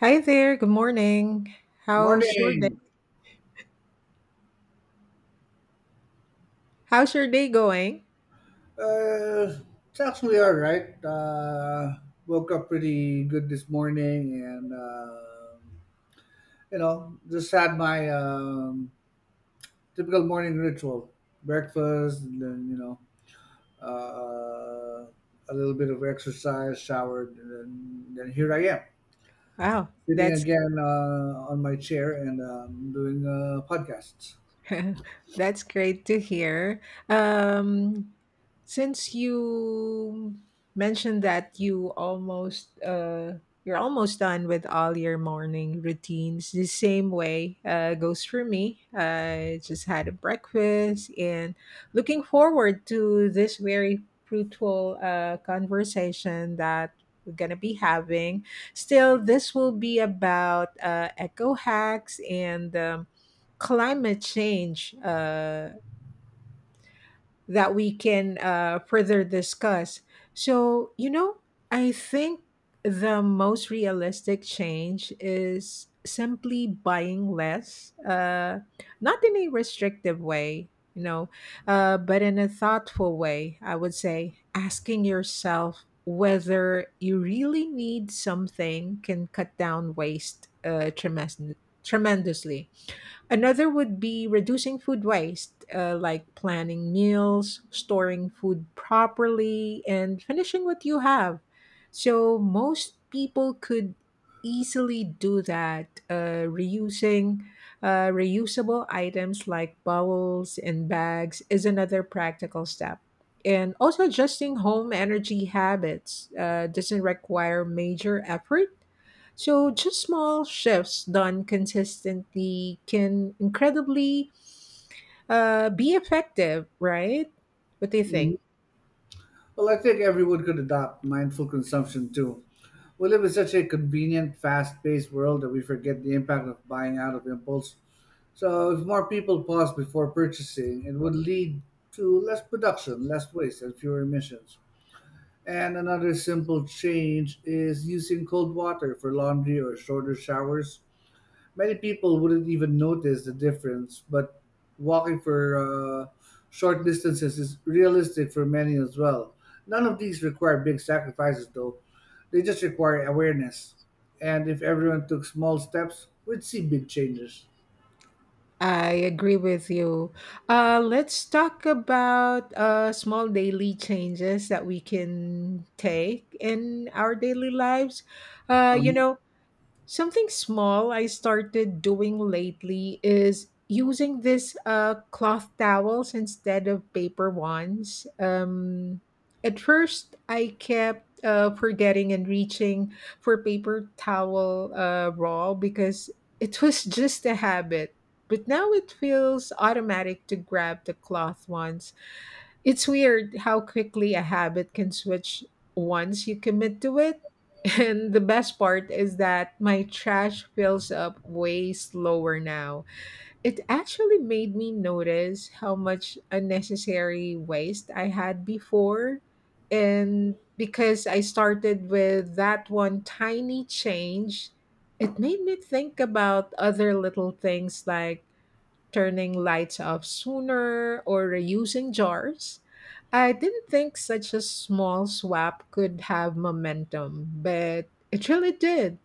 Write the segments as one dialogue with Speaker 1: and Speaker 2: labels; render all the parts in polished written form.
Speaker 1: Hi there. Good morning. How's your day?
Speaker 2: Morning.
Speaker 1: How's your day going?
Speaker 2: Uh, it's actually all right. Woke up pretty good this morning, and just had my typical morning ritual: breakfast, and then uh, a little bit of exercise, showered, and then here I am,
Speaker 1: Wow,
Speaker 2: sitting
Speaker 1: that's
Speaker 2: again on my chair and doing podcasts.
Speaker 1: That's great to hear. Um, since you mentioned that you almost you're almost done with all your morning routines, the same way goes for me. I just had a breakfast and looking forward to this very fruitful conversation that we're gonna be having. Still, this will be about eco hacks and. Climate change that we can further discuss. So, you know, I think the most realistic change is simply buying less, not in a restrictive way, you know, but in a thoughtful way, I would say, asking yourself whether you really need something can cut down waste tremendously. Another would be reducing food waste, like planning meals, storing food properly, and finishing what you have. So most people could easily do that, reusing reusable items like bowls and bags is another practical step. And also adjusting home energy habits doesn't require major effort, so just small shifts done consistently can incredibly be effective, right? What do you
Speaker 2: Mhm.
Speaker 1: think?
Speaker 2: Well, I think everyone could adopt mindful consumption too. We live in such a convenient, fast paced world that we forget the impact of buying out of impulse. So, if more people pause before purchasing, it would lead to less production, less waste, and fewer emissions. And another simple change is using cold water for laundry or shorter showers. Many people wouldn't even notice the difference, but walking for short distances is realistic for many as well. None of these require big sacrifices, though. They just require awareness. And if everyone took small steps, we'd see big changes.
Speaker 1: I agree with you. Let's talk about small daily changes that we can take in our daily lives. Uh, you
Speaker 2: Um,
Speaker 1: know, Something small I started doing lately is using these cloth towels instead of paper ones. At first, I kept forgetting and reaching for paper towel roll because it was just a habit. But now it feels automatic to grab the cloth ones. It's weird how quickly a habit can switch once you commit to it. And the best part is that my trash fills up way slower now. It actually made me notice how much unnecessary waste I had before. And because I started with that one tiny change, it made me think about other little things like turning lights off sooner, or reusing jars. I didn't think such a small swap could have momentum, but it really did.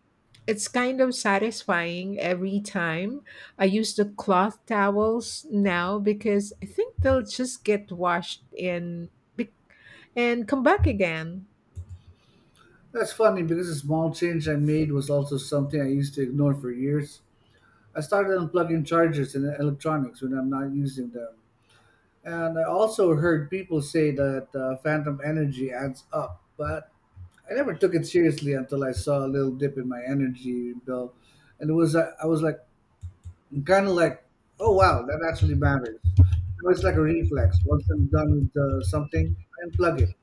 Speaker 1: It's kind of satisfying every time. I use the cloth towels now because I think they'll just get washed in be- and come back again.
Speaker 2: That's funny because a small change I made was also something I used to ignore for years. I started unplugging chargers and electronics when I'm not using them. And I also heard people say that phantom energy adds up, but I never took it seriously until I saw a little dip in my energy bill, and it was I was like kind of like, oh wow, that actually matters. Now it's like a reflex. Once I'm done with something, I unplug it.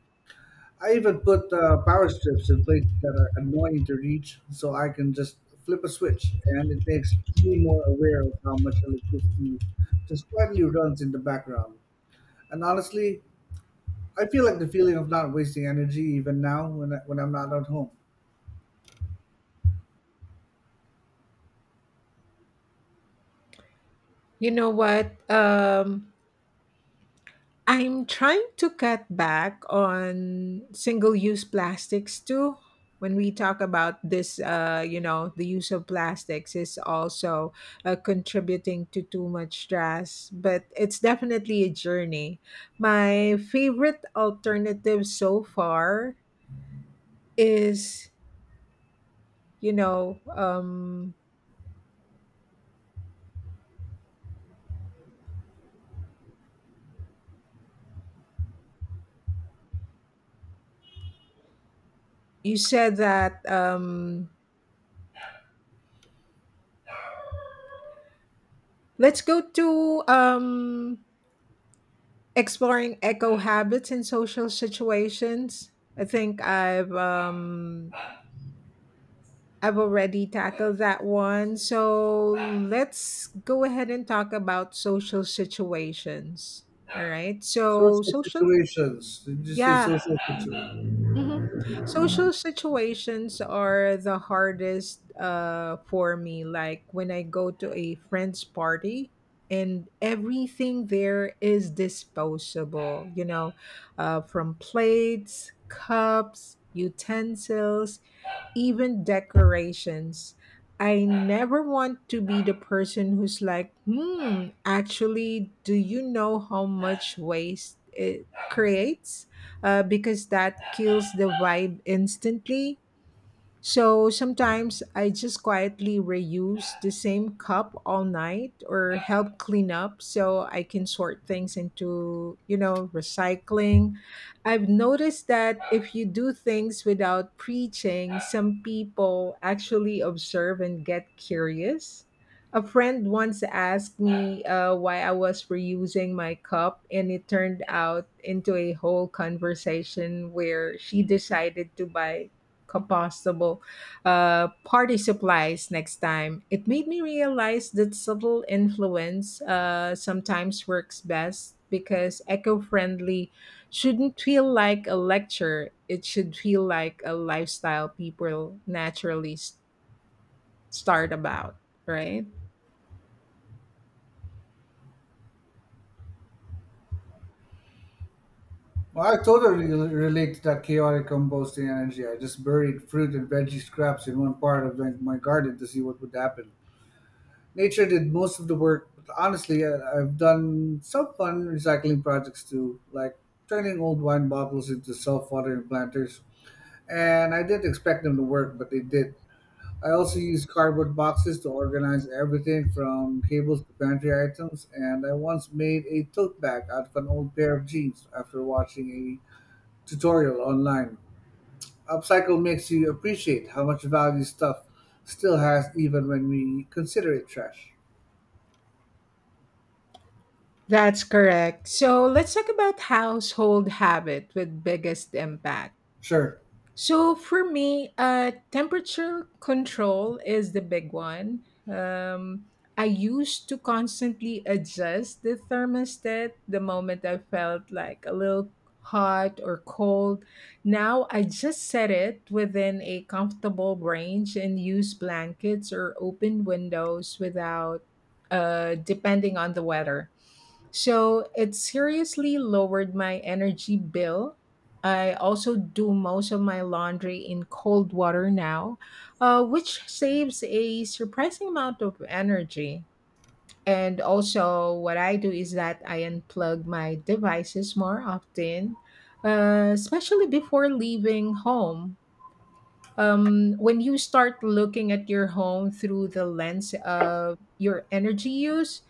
Speaker 2: I even put power strips in places that are annoying to reach, so I can just flip a switch, and it makes me more aware of how much electricity just quietly runs in the background. And honestly, I feel like the feeling of not wasting energy even now when when I'm not at home.
Speaker 1: You know what? I'm trying to cut back on single use plastics too. When we talk about this, you know, the use of plastics is also contributing to too much stress, but it's definitely a journey. My favorite alternative so far is, you know, um, you said that let's go to exploring eco habits in social situations. I think I've already tackled that one. So let's go ahead and talk about social situations. All right.
Speaker 2: Social situations. Did you say
Speaker 1: Yeah.
Speaker 2: social situations?
Speaker 1: Hmm. Social situations are the hardest for me. Like when I go to a friend's party and everything there is disposable, you know, from plates, cups, utensils, even decorations. I never want to be the person who's like, hmm, actually, do you know how much waste it creates? Because that kills the vibe instantly. So sometimes I just quietly reuse the same cup all night or help clean up so I can sort things into, you know, recycling. I've noticed that if you do things without preaching, some people actually observe and get curious. A friend once asked me why I was reusing my cup, and it turned out into a whole conversation where she decided to buy compostable party supplies next time. It made me realize that subtle influence sometimes works best because eco friendly shouldn't feel like a lecture, it should feel like a lifestyle people naturally start about, right?
Speaker 2: Well, I totally relate to that chaotic composting energy. I just buried fruit and veggie scraps in one part of my garden to see what would happen. Nature did most of the work, but honestly, I've done some fun recycling projects too, like turning old wine bottles into self watering planters. And I didn't expect them to work, but they did. I also use cardboard boxes to organize everything from cables to pantry items, and I once made a tote bag out of an old pair of jeans after watching a tutorial online. Upcycle makes you appreciate how much value stuff still has even when we consider it trash.
Speaker 1: That's correct. So let's talk about household habit with biggest impact.
Speaker 2: Sure.
Speaker 1: So for me, temperature control is the big one. Um, I used to constantly adjust the thermostat the moment I felt like a little hot or cold. Now I just set it within a comfortable range and use blankets or open windows without depending on the weather. So it seriously lowered my energy bill. I also do most of my laundry in cold water now, which saves a surprising amount of energy. And also, what I do is that I unplug my devices more often, especially before leaving home. When you start looking at your home through the lens of your energy use,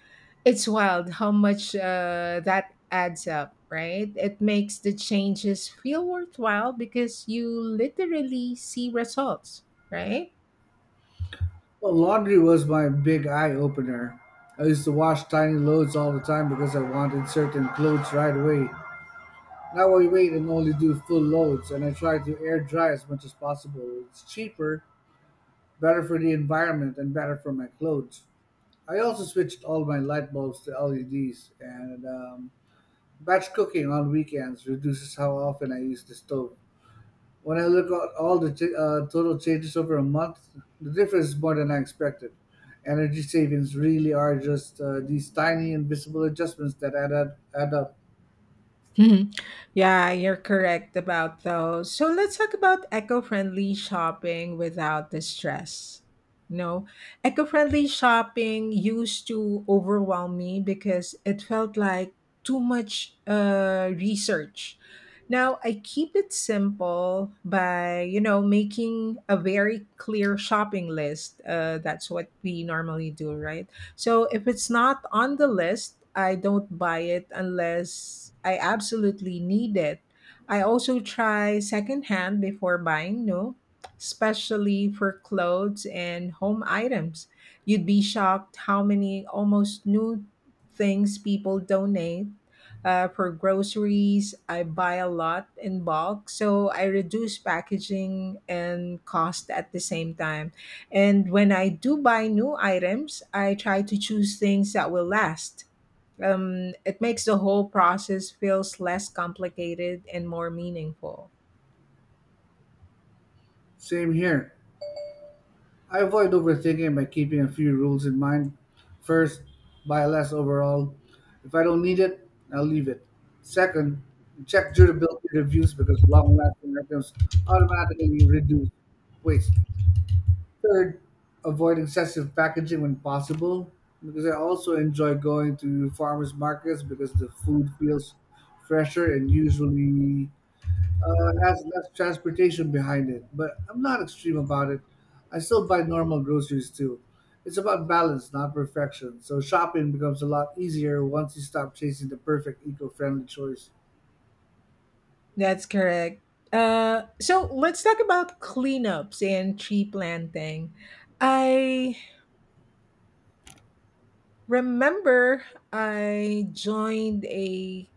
Speaker 1: it's wild how much that adds up, right? It makes the changes feel worthwhile because you literally see results, right?
Speaker 2: Well, laundry was my big eye opener. I used to wash tiny loads all the time because I wanted certain clothes right away. Now I wait and only do full loads, and I try to air dry as much as possible. It's cheaper, better for the environment, and better for my clothes. I also switched all my light bulbs to LEDs, and batch cooking on weekends reduces how often I use the stove. When I look at all the total changes over a month, the difference is more than I expected. Energy savings really are just these tiny invisible adjustments that add up. Add up.
Speaker 1: Mhm. Yeah, you're correct about those. So let's talk about eco-friendly shopping without the stress. No, eco-friendly shopping used to overwhelm me because it felt like too much research. Now I keep it simple by, you know, making a very clear shopping list. That's what we normally do, right? So if it's not on the list, I don't buy it unless I absolutely need it. I also try secondhand before buying new, especially for clothes and home items. You'd be shocked how many almost new things people donate. For groceries, I buy a lot in bulk, so I reduce packaging and cost at the same time. And when I do buy new items, I try to choose things that will last. It makes the whole process feels less complicated and more meaningful.
Speaker 2: Same here. I avoid overthinking by keeping a few rules in mind. First, buy less overall. If I don't need it, I'll leave it. Second, check durability reviews because long lasting items automatically reduce waste. Third, avoid excessive packaging when possible because I also enjoy going to farmers markets because the food feels fresher and usually has less transportation behind it, but I'm not extreme about it. I still buy normal groceries too. It's about balance, not perfection. So shopping becomes a lot easier once you stop chasing the perfect eco-friendly choice.
Speaker 1: That's correct. So let's talk about cleanups and tree planting. I remember I joined a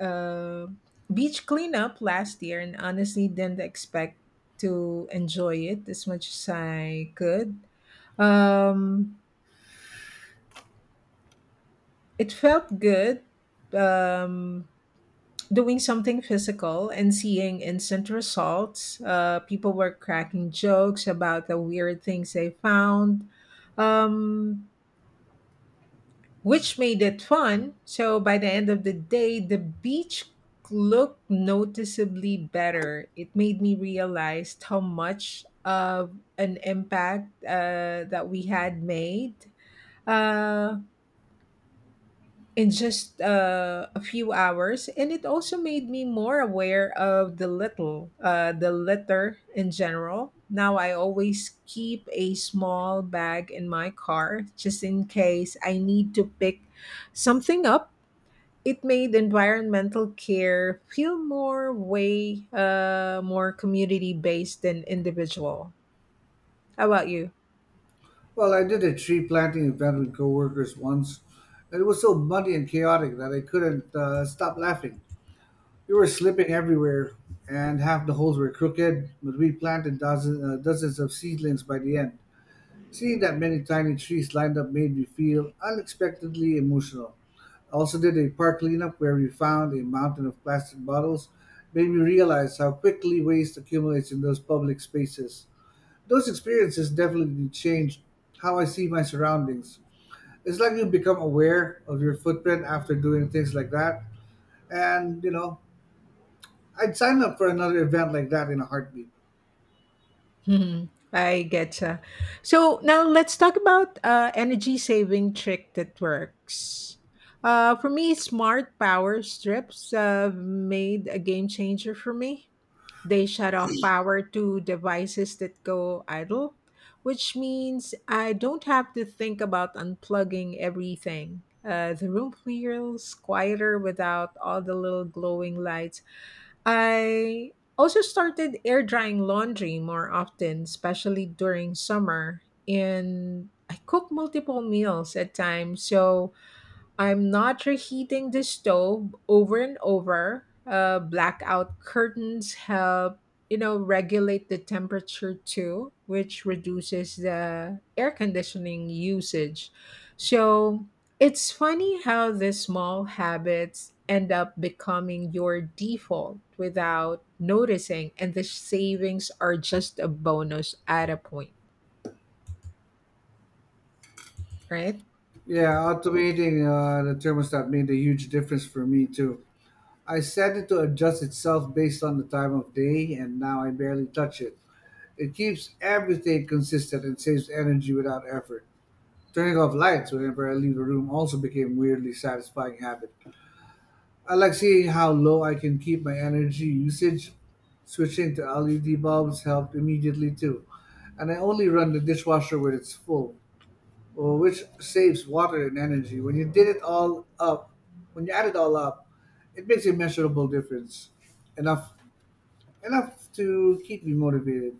Speaker 1: uh, beach cleanup last year and honestly didn't expect to enjoy it as much as I could. Um, it felt good um, doing something physical and seeing instant results. People were cracking jokes about the weird things they found, um, which made it fun. So by the end of the day, the beach looked noticeably better. It made me realize how much of an impact that we had made. Uh, in just a few hours, and it also made me more aware of the little the litter in general. Now I always keep a small bag in my car just in case I need to pick something up. It made environmental care feel more way more community based than individual. How about you?
Speaker 2: Well, I did a tree planting event with coworkers once, and it was so muddy and chaotic that I couldn't stop laughing. We were slipping everywhere, and half the holes were crooked. But we planted dozens, dozens of seedlings by the end. Seeing that many tiny trees lined up made me feel unexpectedly emotional. I also did a park cleanup where we found a mountain of plastic bottles, made me realize how quickly waste accumulates in those public spaces. Those experiences definitely changed how I see my surroundings. It's like you become aware of your footprint after doing things like that. And, you know, I'd sign up for another event like that in a heartbeat.
Speaker 1: Mhm. I getcha. So now let's talk about energy saving trick that works. For me, smart power strips have made a game changer for me. They shut off power to devices that go idle, which means I don't have to think about unplugging everything. The room feels quieter without all the little glowing lights. I also started air drying laundry more often, especially during summer. And I cook multiple meals at times, so I'm not reheating the stove over and over. Blackout curtains help, you know, regulate the temperature too, which reduces the air conditioning usage. So it's funny how the small habits end up becoming your default without noticing, and the savings are just a bonus at a point, right?
Speaker 2: Yeah, automating the thermostat made a huge difference for me too. I set it to adjust itself based on the time of day, and now I barely touch it. It keeps everything consistent and saves energy without effort. Turning off lights whenever I leave the room also became a weirdly satisfying habit. I like seeing how low I can keep my energy usage. Switching to LED bulbs helped immediately too, and I only run the dishwasher when it's full or which saves water and energy. When you add it all up, it makes a measurable difference. Enough, enough to keep me motivated.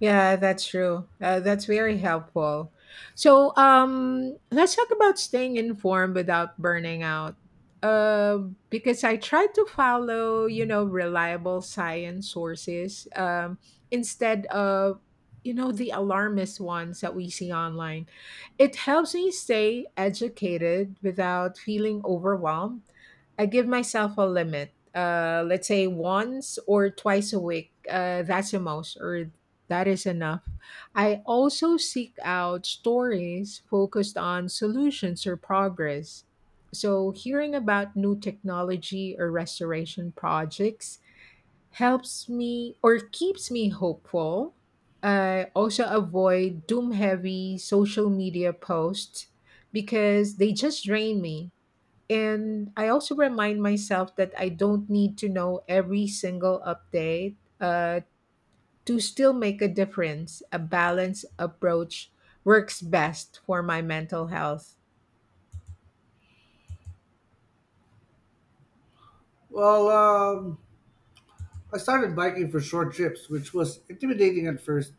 Speaker 1: Yeah, that's true. That's very helpful. So, let's talk about staying informed without burning out. Uh, because I try to follow, you know, reliable science sources instead of, you know, the alarmist ones that we see online. It helps me stay educated without feeling overwhelmed. I give myself a limit. Let's say once or twice a week. That's the most, or that is enough. I also seek out stories focused on solutions or progress. So, hearing about new technology or restoration projects helps me or keeps me hopeful. I also avoid doom heavy social media posts because they just drain me, and I also remind myself that I don't need to know every single update uh, to still make a difference. A balanced approach works best for my mental health.
Speaker 2: Well, I started biking for short trips, which was intimidating at first.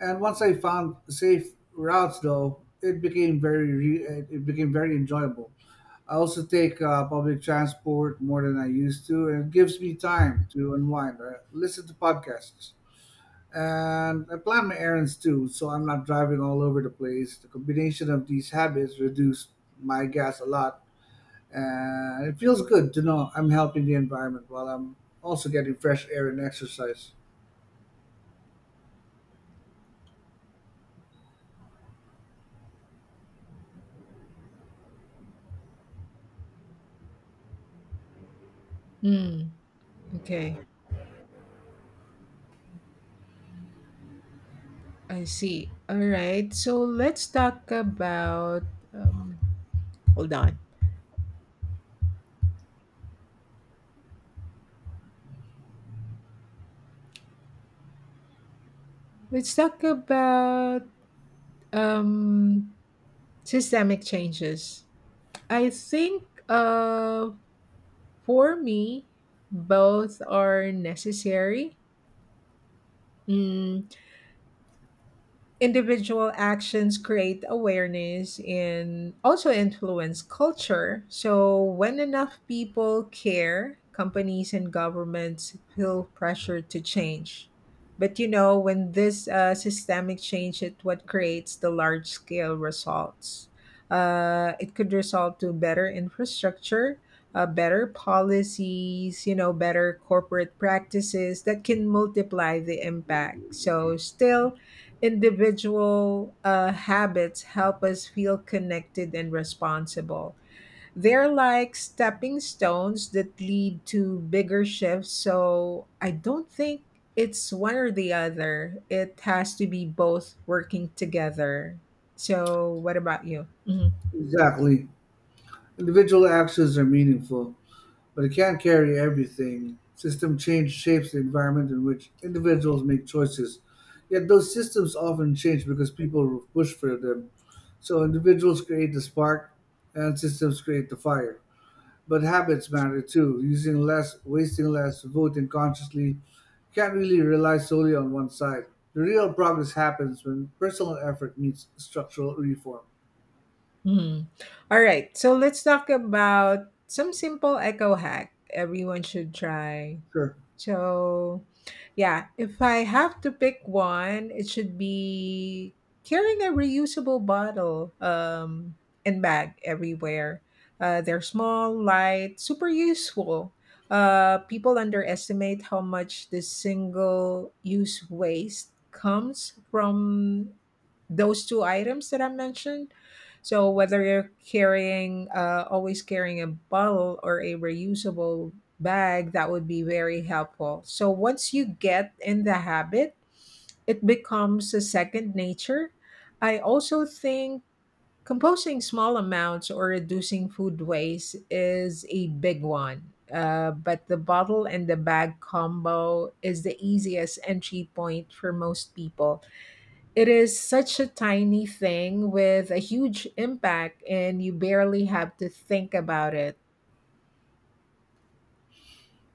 Speaker 2: And once I found safe routes, though, it became very enjoyable. I also take public transport more than I used to, and it gives me time to unwind or listen to podcasts. And I plan my errands too, so I'm not driving all over the place. The combination of these habits reduced my gas a lot, and it feels good to know I'm helping the environment while I'm also getting fresh air and exercise.
Speaker 1: Mm, okay, I see. All right, so let's talk about. Um, hold on. Let's talk about um, systemic changes. I think for me, both are necessary. Mm, individual actions create awareness and also influence culture. So, when enough people care, companies and governments feel pressure to change. But you know, when this systemic change is what creates the large scale results. It could result to better infrastructure, better policies, you know, better corporate practices that can multiply the impact. So, still, individual habits help us feel connected and responsible. They're like stepping stones that lead to bigger shifts. So I don't think it's one or the other. It has to be both working together. So, what about you? Mhm.
Speaker 2: Exactly. Individual actions are meaningful, but it can't carry everything. System change shapes the environment in which individuals make choices. Yet those systems often change because people push for them. So individuals create the spark and systems create the fire. But habits matter too. Using less, wasting less, voting consciously. You can't really rely solely on one side. The real progress happens when personal effort meets structural reform.
Speaker 1: Mhm. All right. So, let's talk about some simple eco hack everyone should try.
Speaker 2: Sure.
Speaker 1: So, yeah, if I have to pick one, it should be carrying a reusable bottle and bag everywhere. They're small, light, super useful. People underestimate how much this single use waste comes from those two items that I mentioned. So whether you're always carrying a bottle or a reusable bag, that would be very helpful. So once you get in the habit, it becomes a second nature. I also think composting small amounts or reducing food waste is a big one. But the bottle and the bag combo is the easiest entry point for most people. It is such a tiny thing with a huge impact, and you barely have to think about it,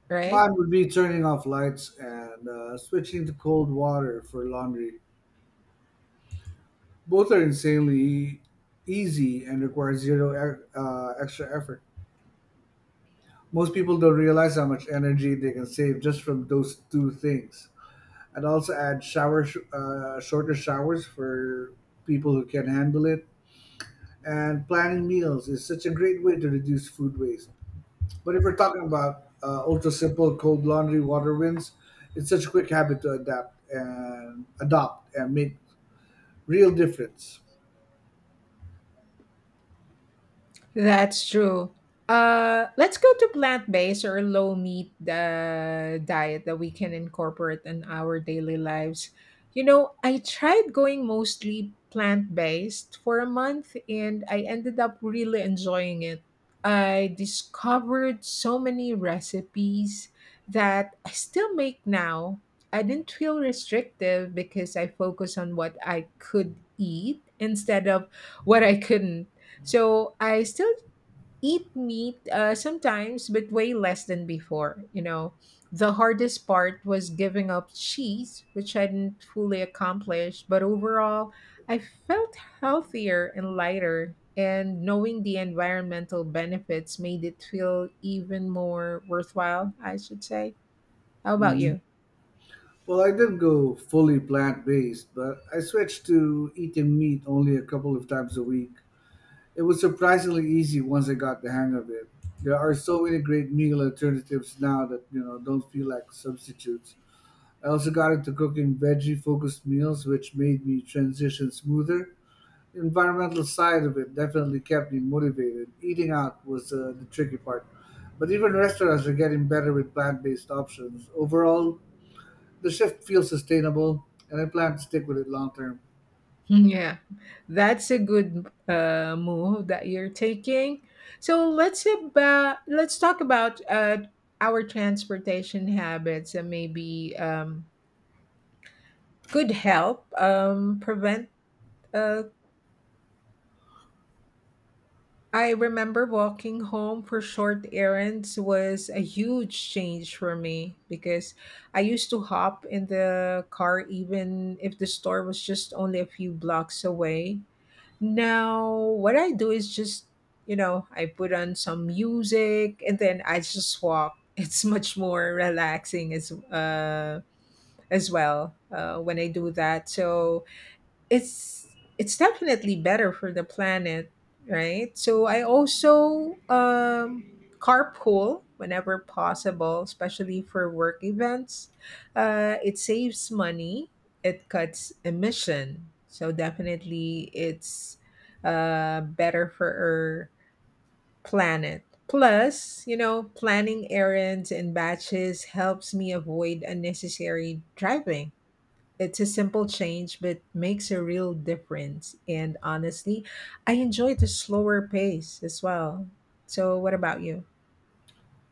Speaker 1: right?
Speaker 2: Mine would be turning off lights and switching to cold water for laundry. Both are insanely easy and require extra effort. Most people don't realize how much energy they can save just from those two things. I'd also add shorter showers for people who can handle it. And planning meals is such a great way to reduce food waste. But if we're talking about ultra simple cold laundry water rinse, it's such a quick habit to adapt and adopt and make real difference.
Speaker 1: That's true. Let's go to plant-based or low-meat diet that we can incorporate in our daily lives. You know, I tried going mostly plant-based for a month and I ended up really enjoying it. I discovered so many recipes that I still make now. I didn't feel restrictive because I focus on what I could eat instead of what I couldn't, so I still eat meat sometimes, but way less than before. You know, the hardest part was giving up cheese, which I didn't fully accomplish. But overall, I felt healthier and lighter. And knowing the environmental benefits made it feel even more worthwhile, I should say. How about
Speaker 2: Mhm.
Speaker 1: you?
Speaker 2: Well, I didn't go fully plant based, but I switched to eating meat only a couple of times a week. It was surprisingly easy once I got the hang of it. There are so many great meal alternatives now that you know don't feel like substitutes. I also got into cooking veggie-focused meals, which made me transition smoother. The environmental side of it definitely kept me motivated. Eating out was the tricky part, but even restaurants are getting better with plant-based options. Overall, the shift feels sustainable, and I plan to stick with it long term.
Speaker 1: Yeah, that's a good move that you're taking. So let's talk about our transportation habits and maybe could help prevent. Uh, I remember walking home for short errands was a huge change for me because I used to hop in the car even if the store was just only a few blocks away. Now, what I do is just, you know, I put on some music and then I just walk. It's much more relaxing as well when I do that. So it's definitely better for the planet, right? So I also carpool whenever possible, especially for work events. It saves money. It cuts emission. So definitely, it's better for our planet. Plus, you know, planning errands and batches helps me avoid unnecessary driving. It's a simple change, but makes a real difference. And honestly, I enjoy the slower pace as well. So, what about you?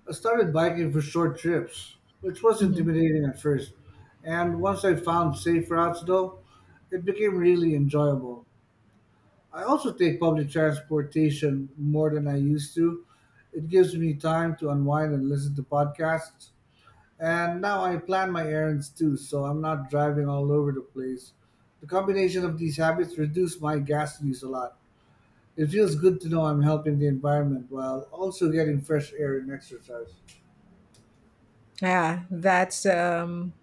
Speaker 2: I started biking for short trips, which was
Speaker 1: Hmm.
Speaker 2: intimidating at first. And once I found safe routes, though, it became really enjoyable. I also take public transportation more than I used to. It gives me time to unwind and listen to podcasts. And now I plan my errands too, so I'm not driving all over the place. The combination of these habits reduce my gas use a lot. It feels good to know I'm helping the environment while also getting fresh air and exercise.
Speaker 1: Yeah, that's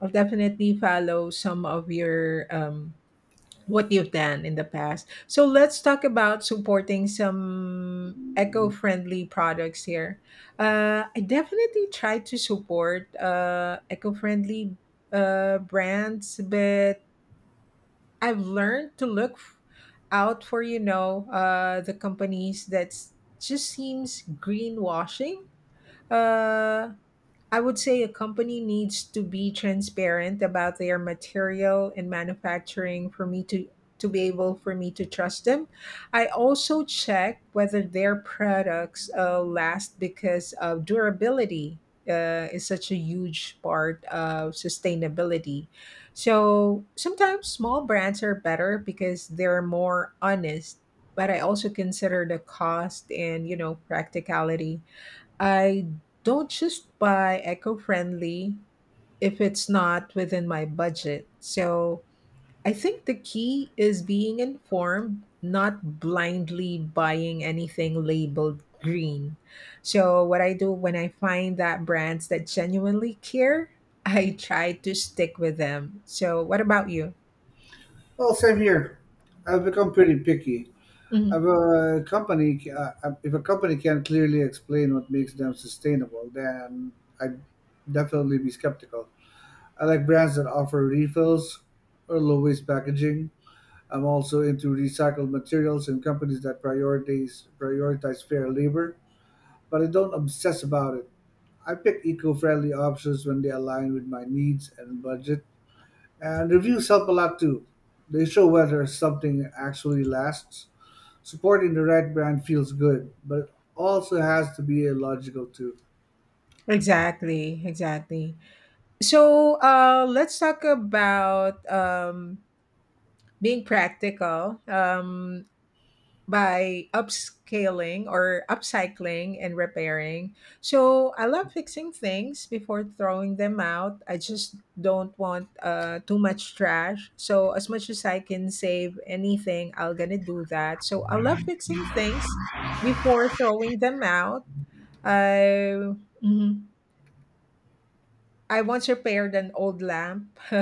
Speaker 1: I'll definitely follow some of your what you've done in the past. So let's talk about supporting some eco-friendly products here. I definitely try to support eco-friendly brands, but I've learned to out for, you know, the companies that just seems greenwashing. Uh, I would say a company needs to be transparent about their material and manufacturing for me to be able for me to trust them. I also check whether their products last because of durability is such a huge part of sustainability. So sometimes small brands are better because they're more honest, but I also consider the cost and, you know, practicality. I don't just buy eco friendly if it's not within my budget. So I think the key is being informed, not blindly buying anything labeled green. So, what I do when I find that brands that genuinely care, I try to stick with them. So, what about you?
Speaker 2: Well, same here. I've become pretty picky.
Speaker 1: Mhm.
Speaker 2: If a company can clearly explain what makes them sustainable, then I'd definitely be skeptical. I like brands that offer refills or low waste packaging. I'm also into recycled materials and companies that prioritize fair labor, but I don't obsess about it. I pick eco-friendly options when they align with my needs and budget. And reviews help a lot too. They show whether something actually lasts. Supporting the right brand feels good, but it also has to be illogical too.
Speaker 1: Exactly, exactly. So let's talk about being practical. By upscaling or upcycling and repairing. So I love fixing things before throwing them out. I just don't want too much trash. So as much as I can save anything, I'm gonna do that. So I love fixing things before throwing them out. I mhm. I once repaired an old lamp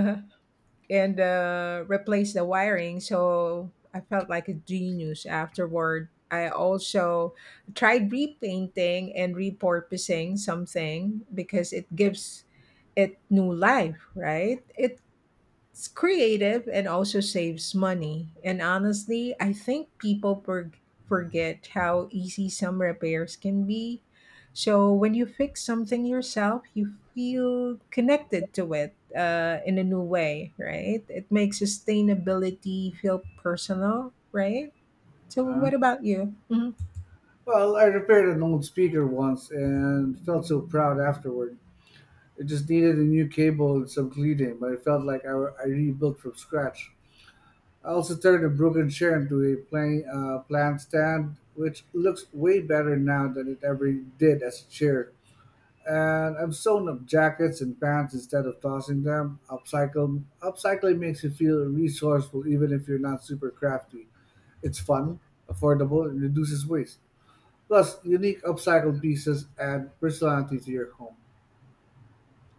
Speaker 1: and replace the wiring. So I felt like a genius afterward. I also tried repainting and repurposing something because it gives it new life, right? It's creative and also saves money. And honestly, I think forget how easy some repairs can be. So when you fix something yourself, you feel connected to it in a new way, right? It makes sustainability feel personal, right? So
Speaker 2: Uh,
Speaker 1: what about you? Mhm.
Speaker 2: well, I repaired an old speaker once and felt so proud afterward. It just needed a new cable and some cleaning, but it felt like I rebuilt from scratch. I also turned a broken chair into a plant stand, which looks way better now than it ever did as a chair. And I've sewn up jackets and pants instead of tossing them. Upcycling makes you feel resourceful even if you're not super crafty. It's fun, affordable, and reduces waste. Plus, unique upcycled pieces add personality to your home.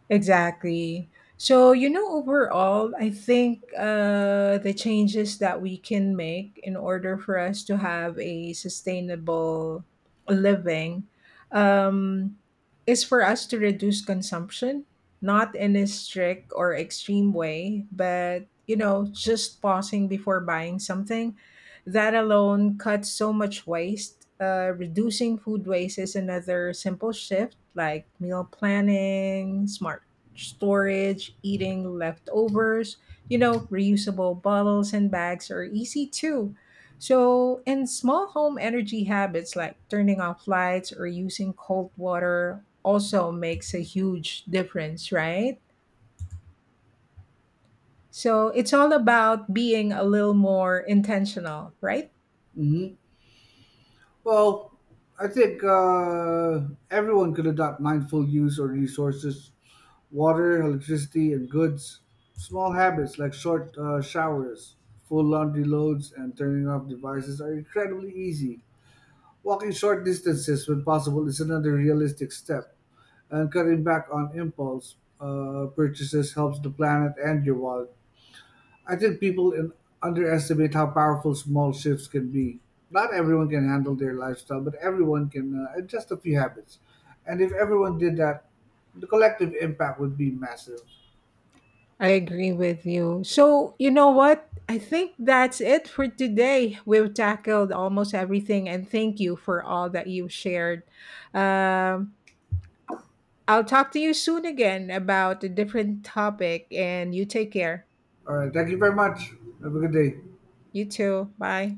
Speaker 1: Exactly. So, you know, overall, I think the changes that we can make in order for us to have a sustainable living um, is for us to reduce consumption, not in a strict or extreme way, but, you know, just pausing before buying something. That alone cuts so much waste. Reducing food waste is another simple shift like meal planning, smart storage, eating leftovers, you know, reusable bottles and bags are easy too. So, and small home energy habits like turning off lights or using cold water also makes a huge difference, right? So, it's all about being a little more intentional, right?
Speaker 2: Mhm. Well, I think everyone could adopt mindful use of resources, water, electricity, and goods. Small habits like short showers, full laundry loads, and turning off devices are incredibly easy. Walking short distances when possible is another realistic step, and cutting back on impulse purchases helps the planet and your wallet. I think people in, Underestimate how powerful small shifts can be. Not everyone can handle their lifestyle, but everyone can adjust a few habits. And if everyone did that, the collective impact would be massive.
Speaker 1: I agree with you. So, you know what? I think that's it for today. We've tackled almost everything, and thank you for all that you shared. Um, I'll talk to you soon again about a different topic, and you take care.
Speaker 2: All right, thank you very much. Have a good day.
Speaker 1: You too. Bye.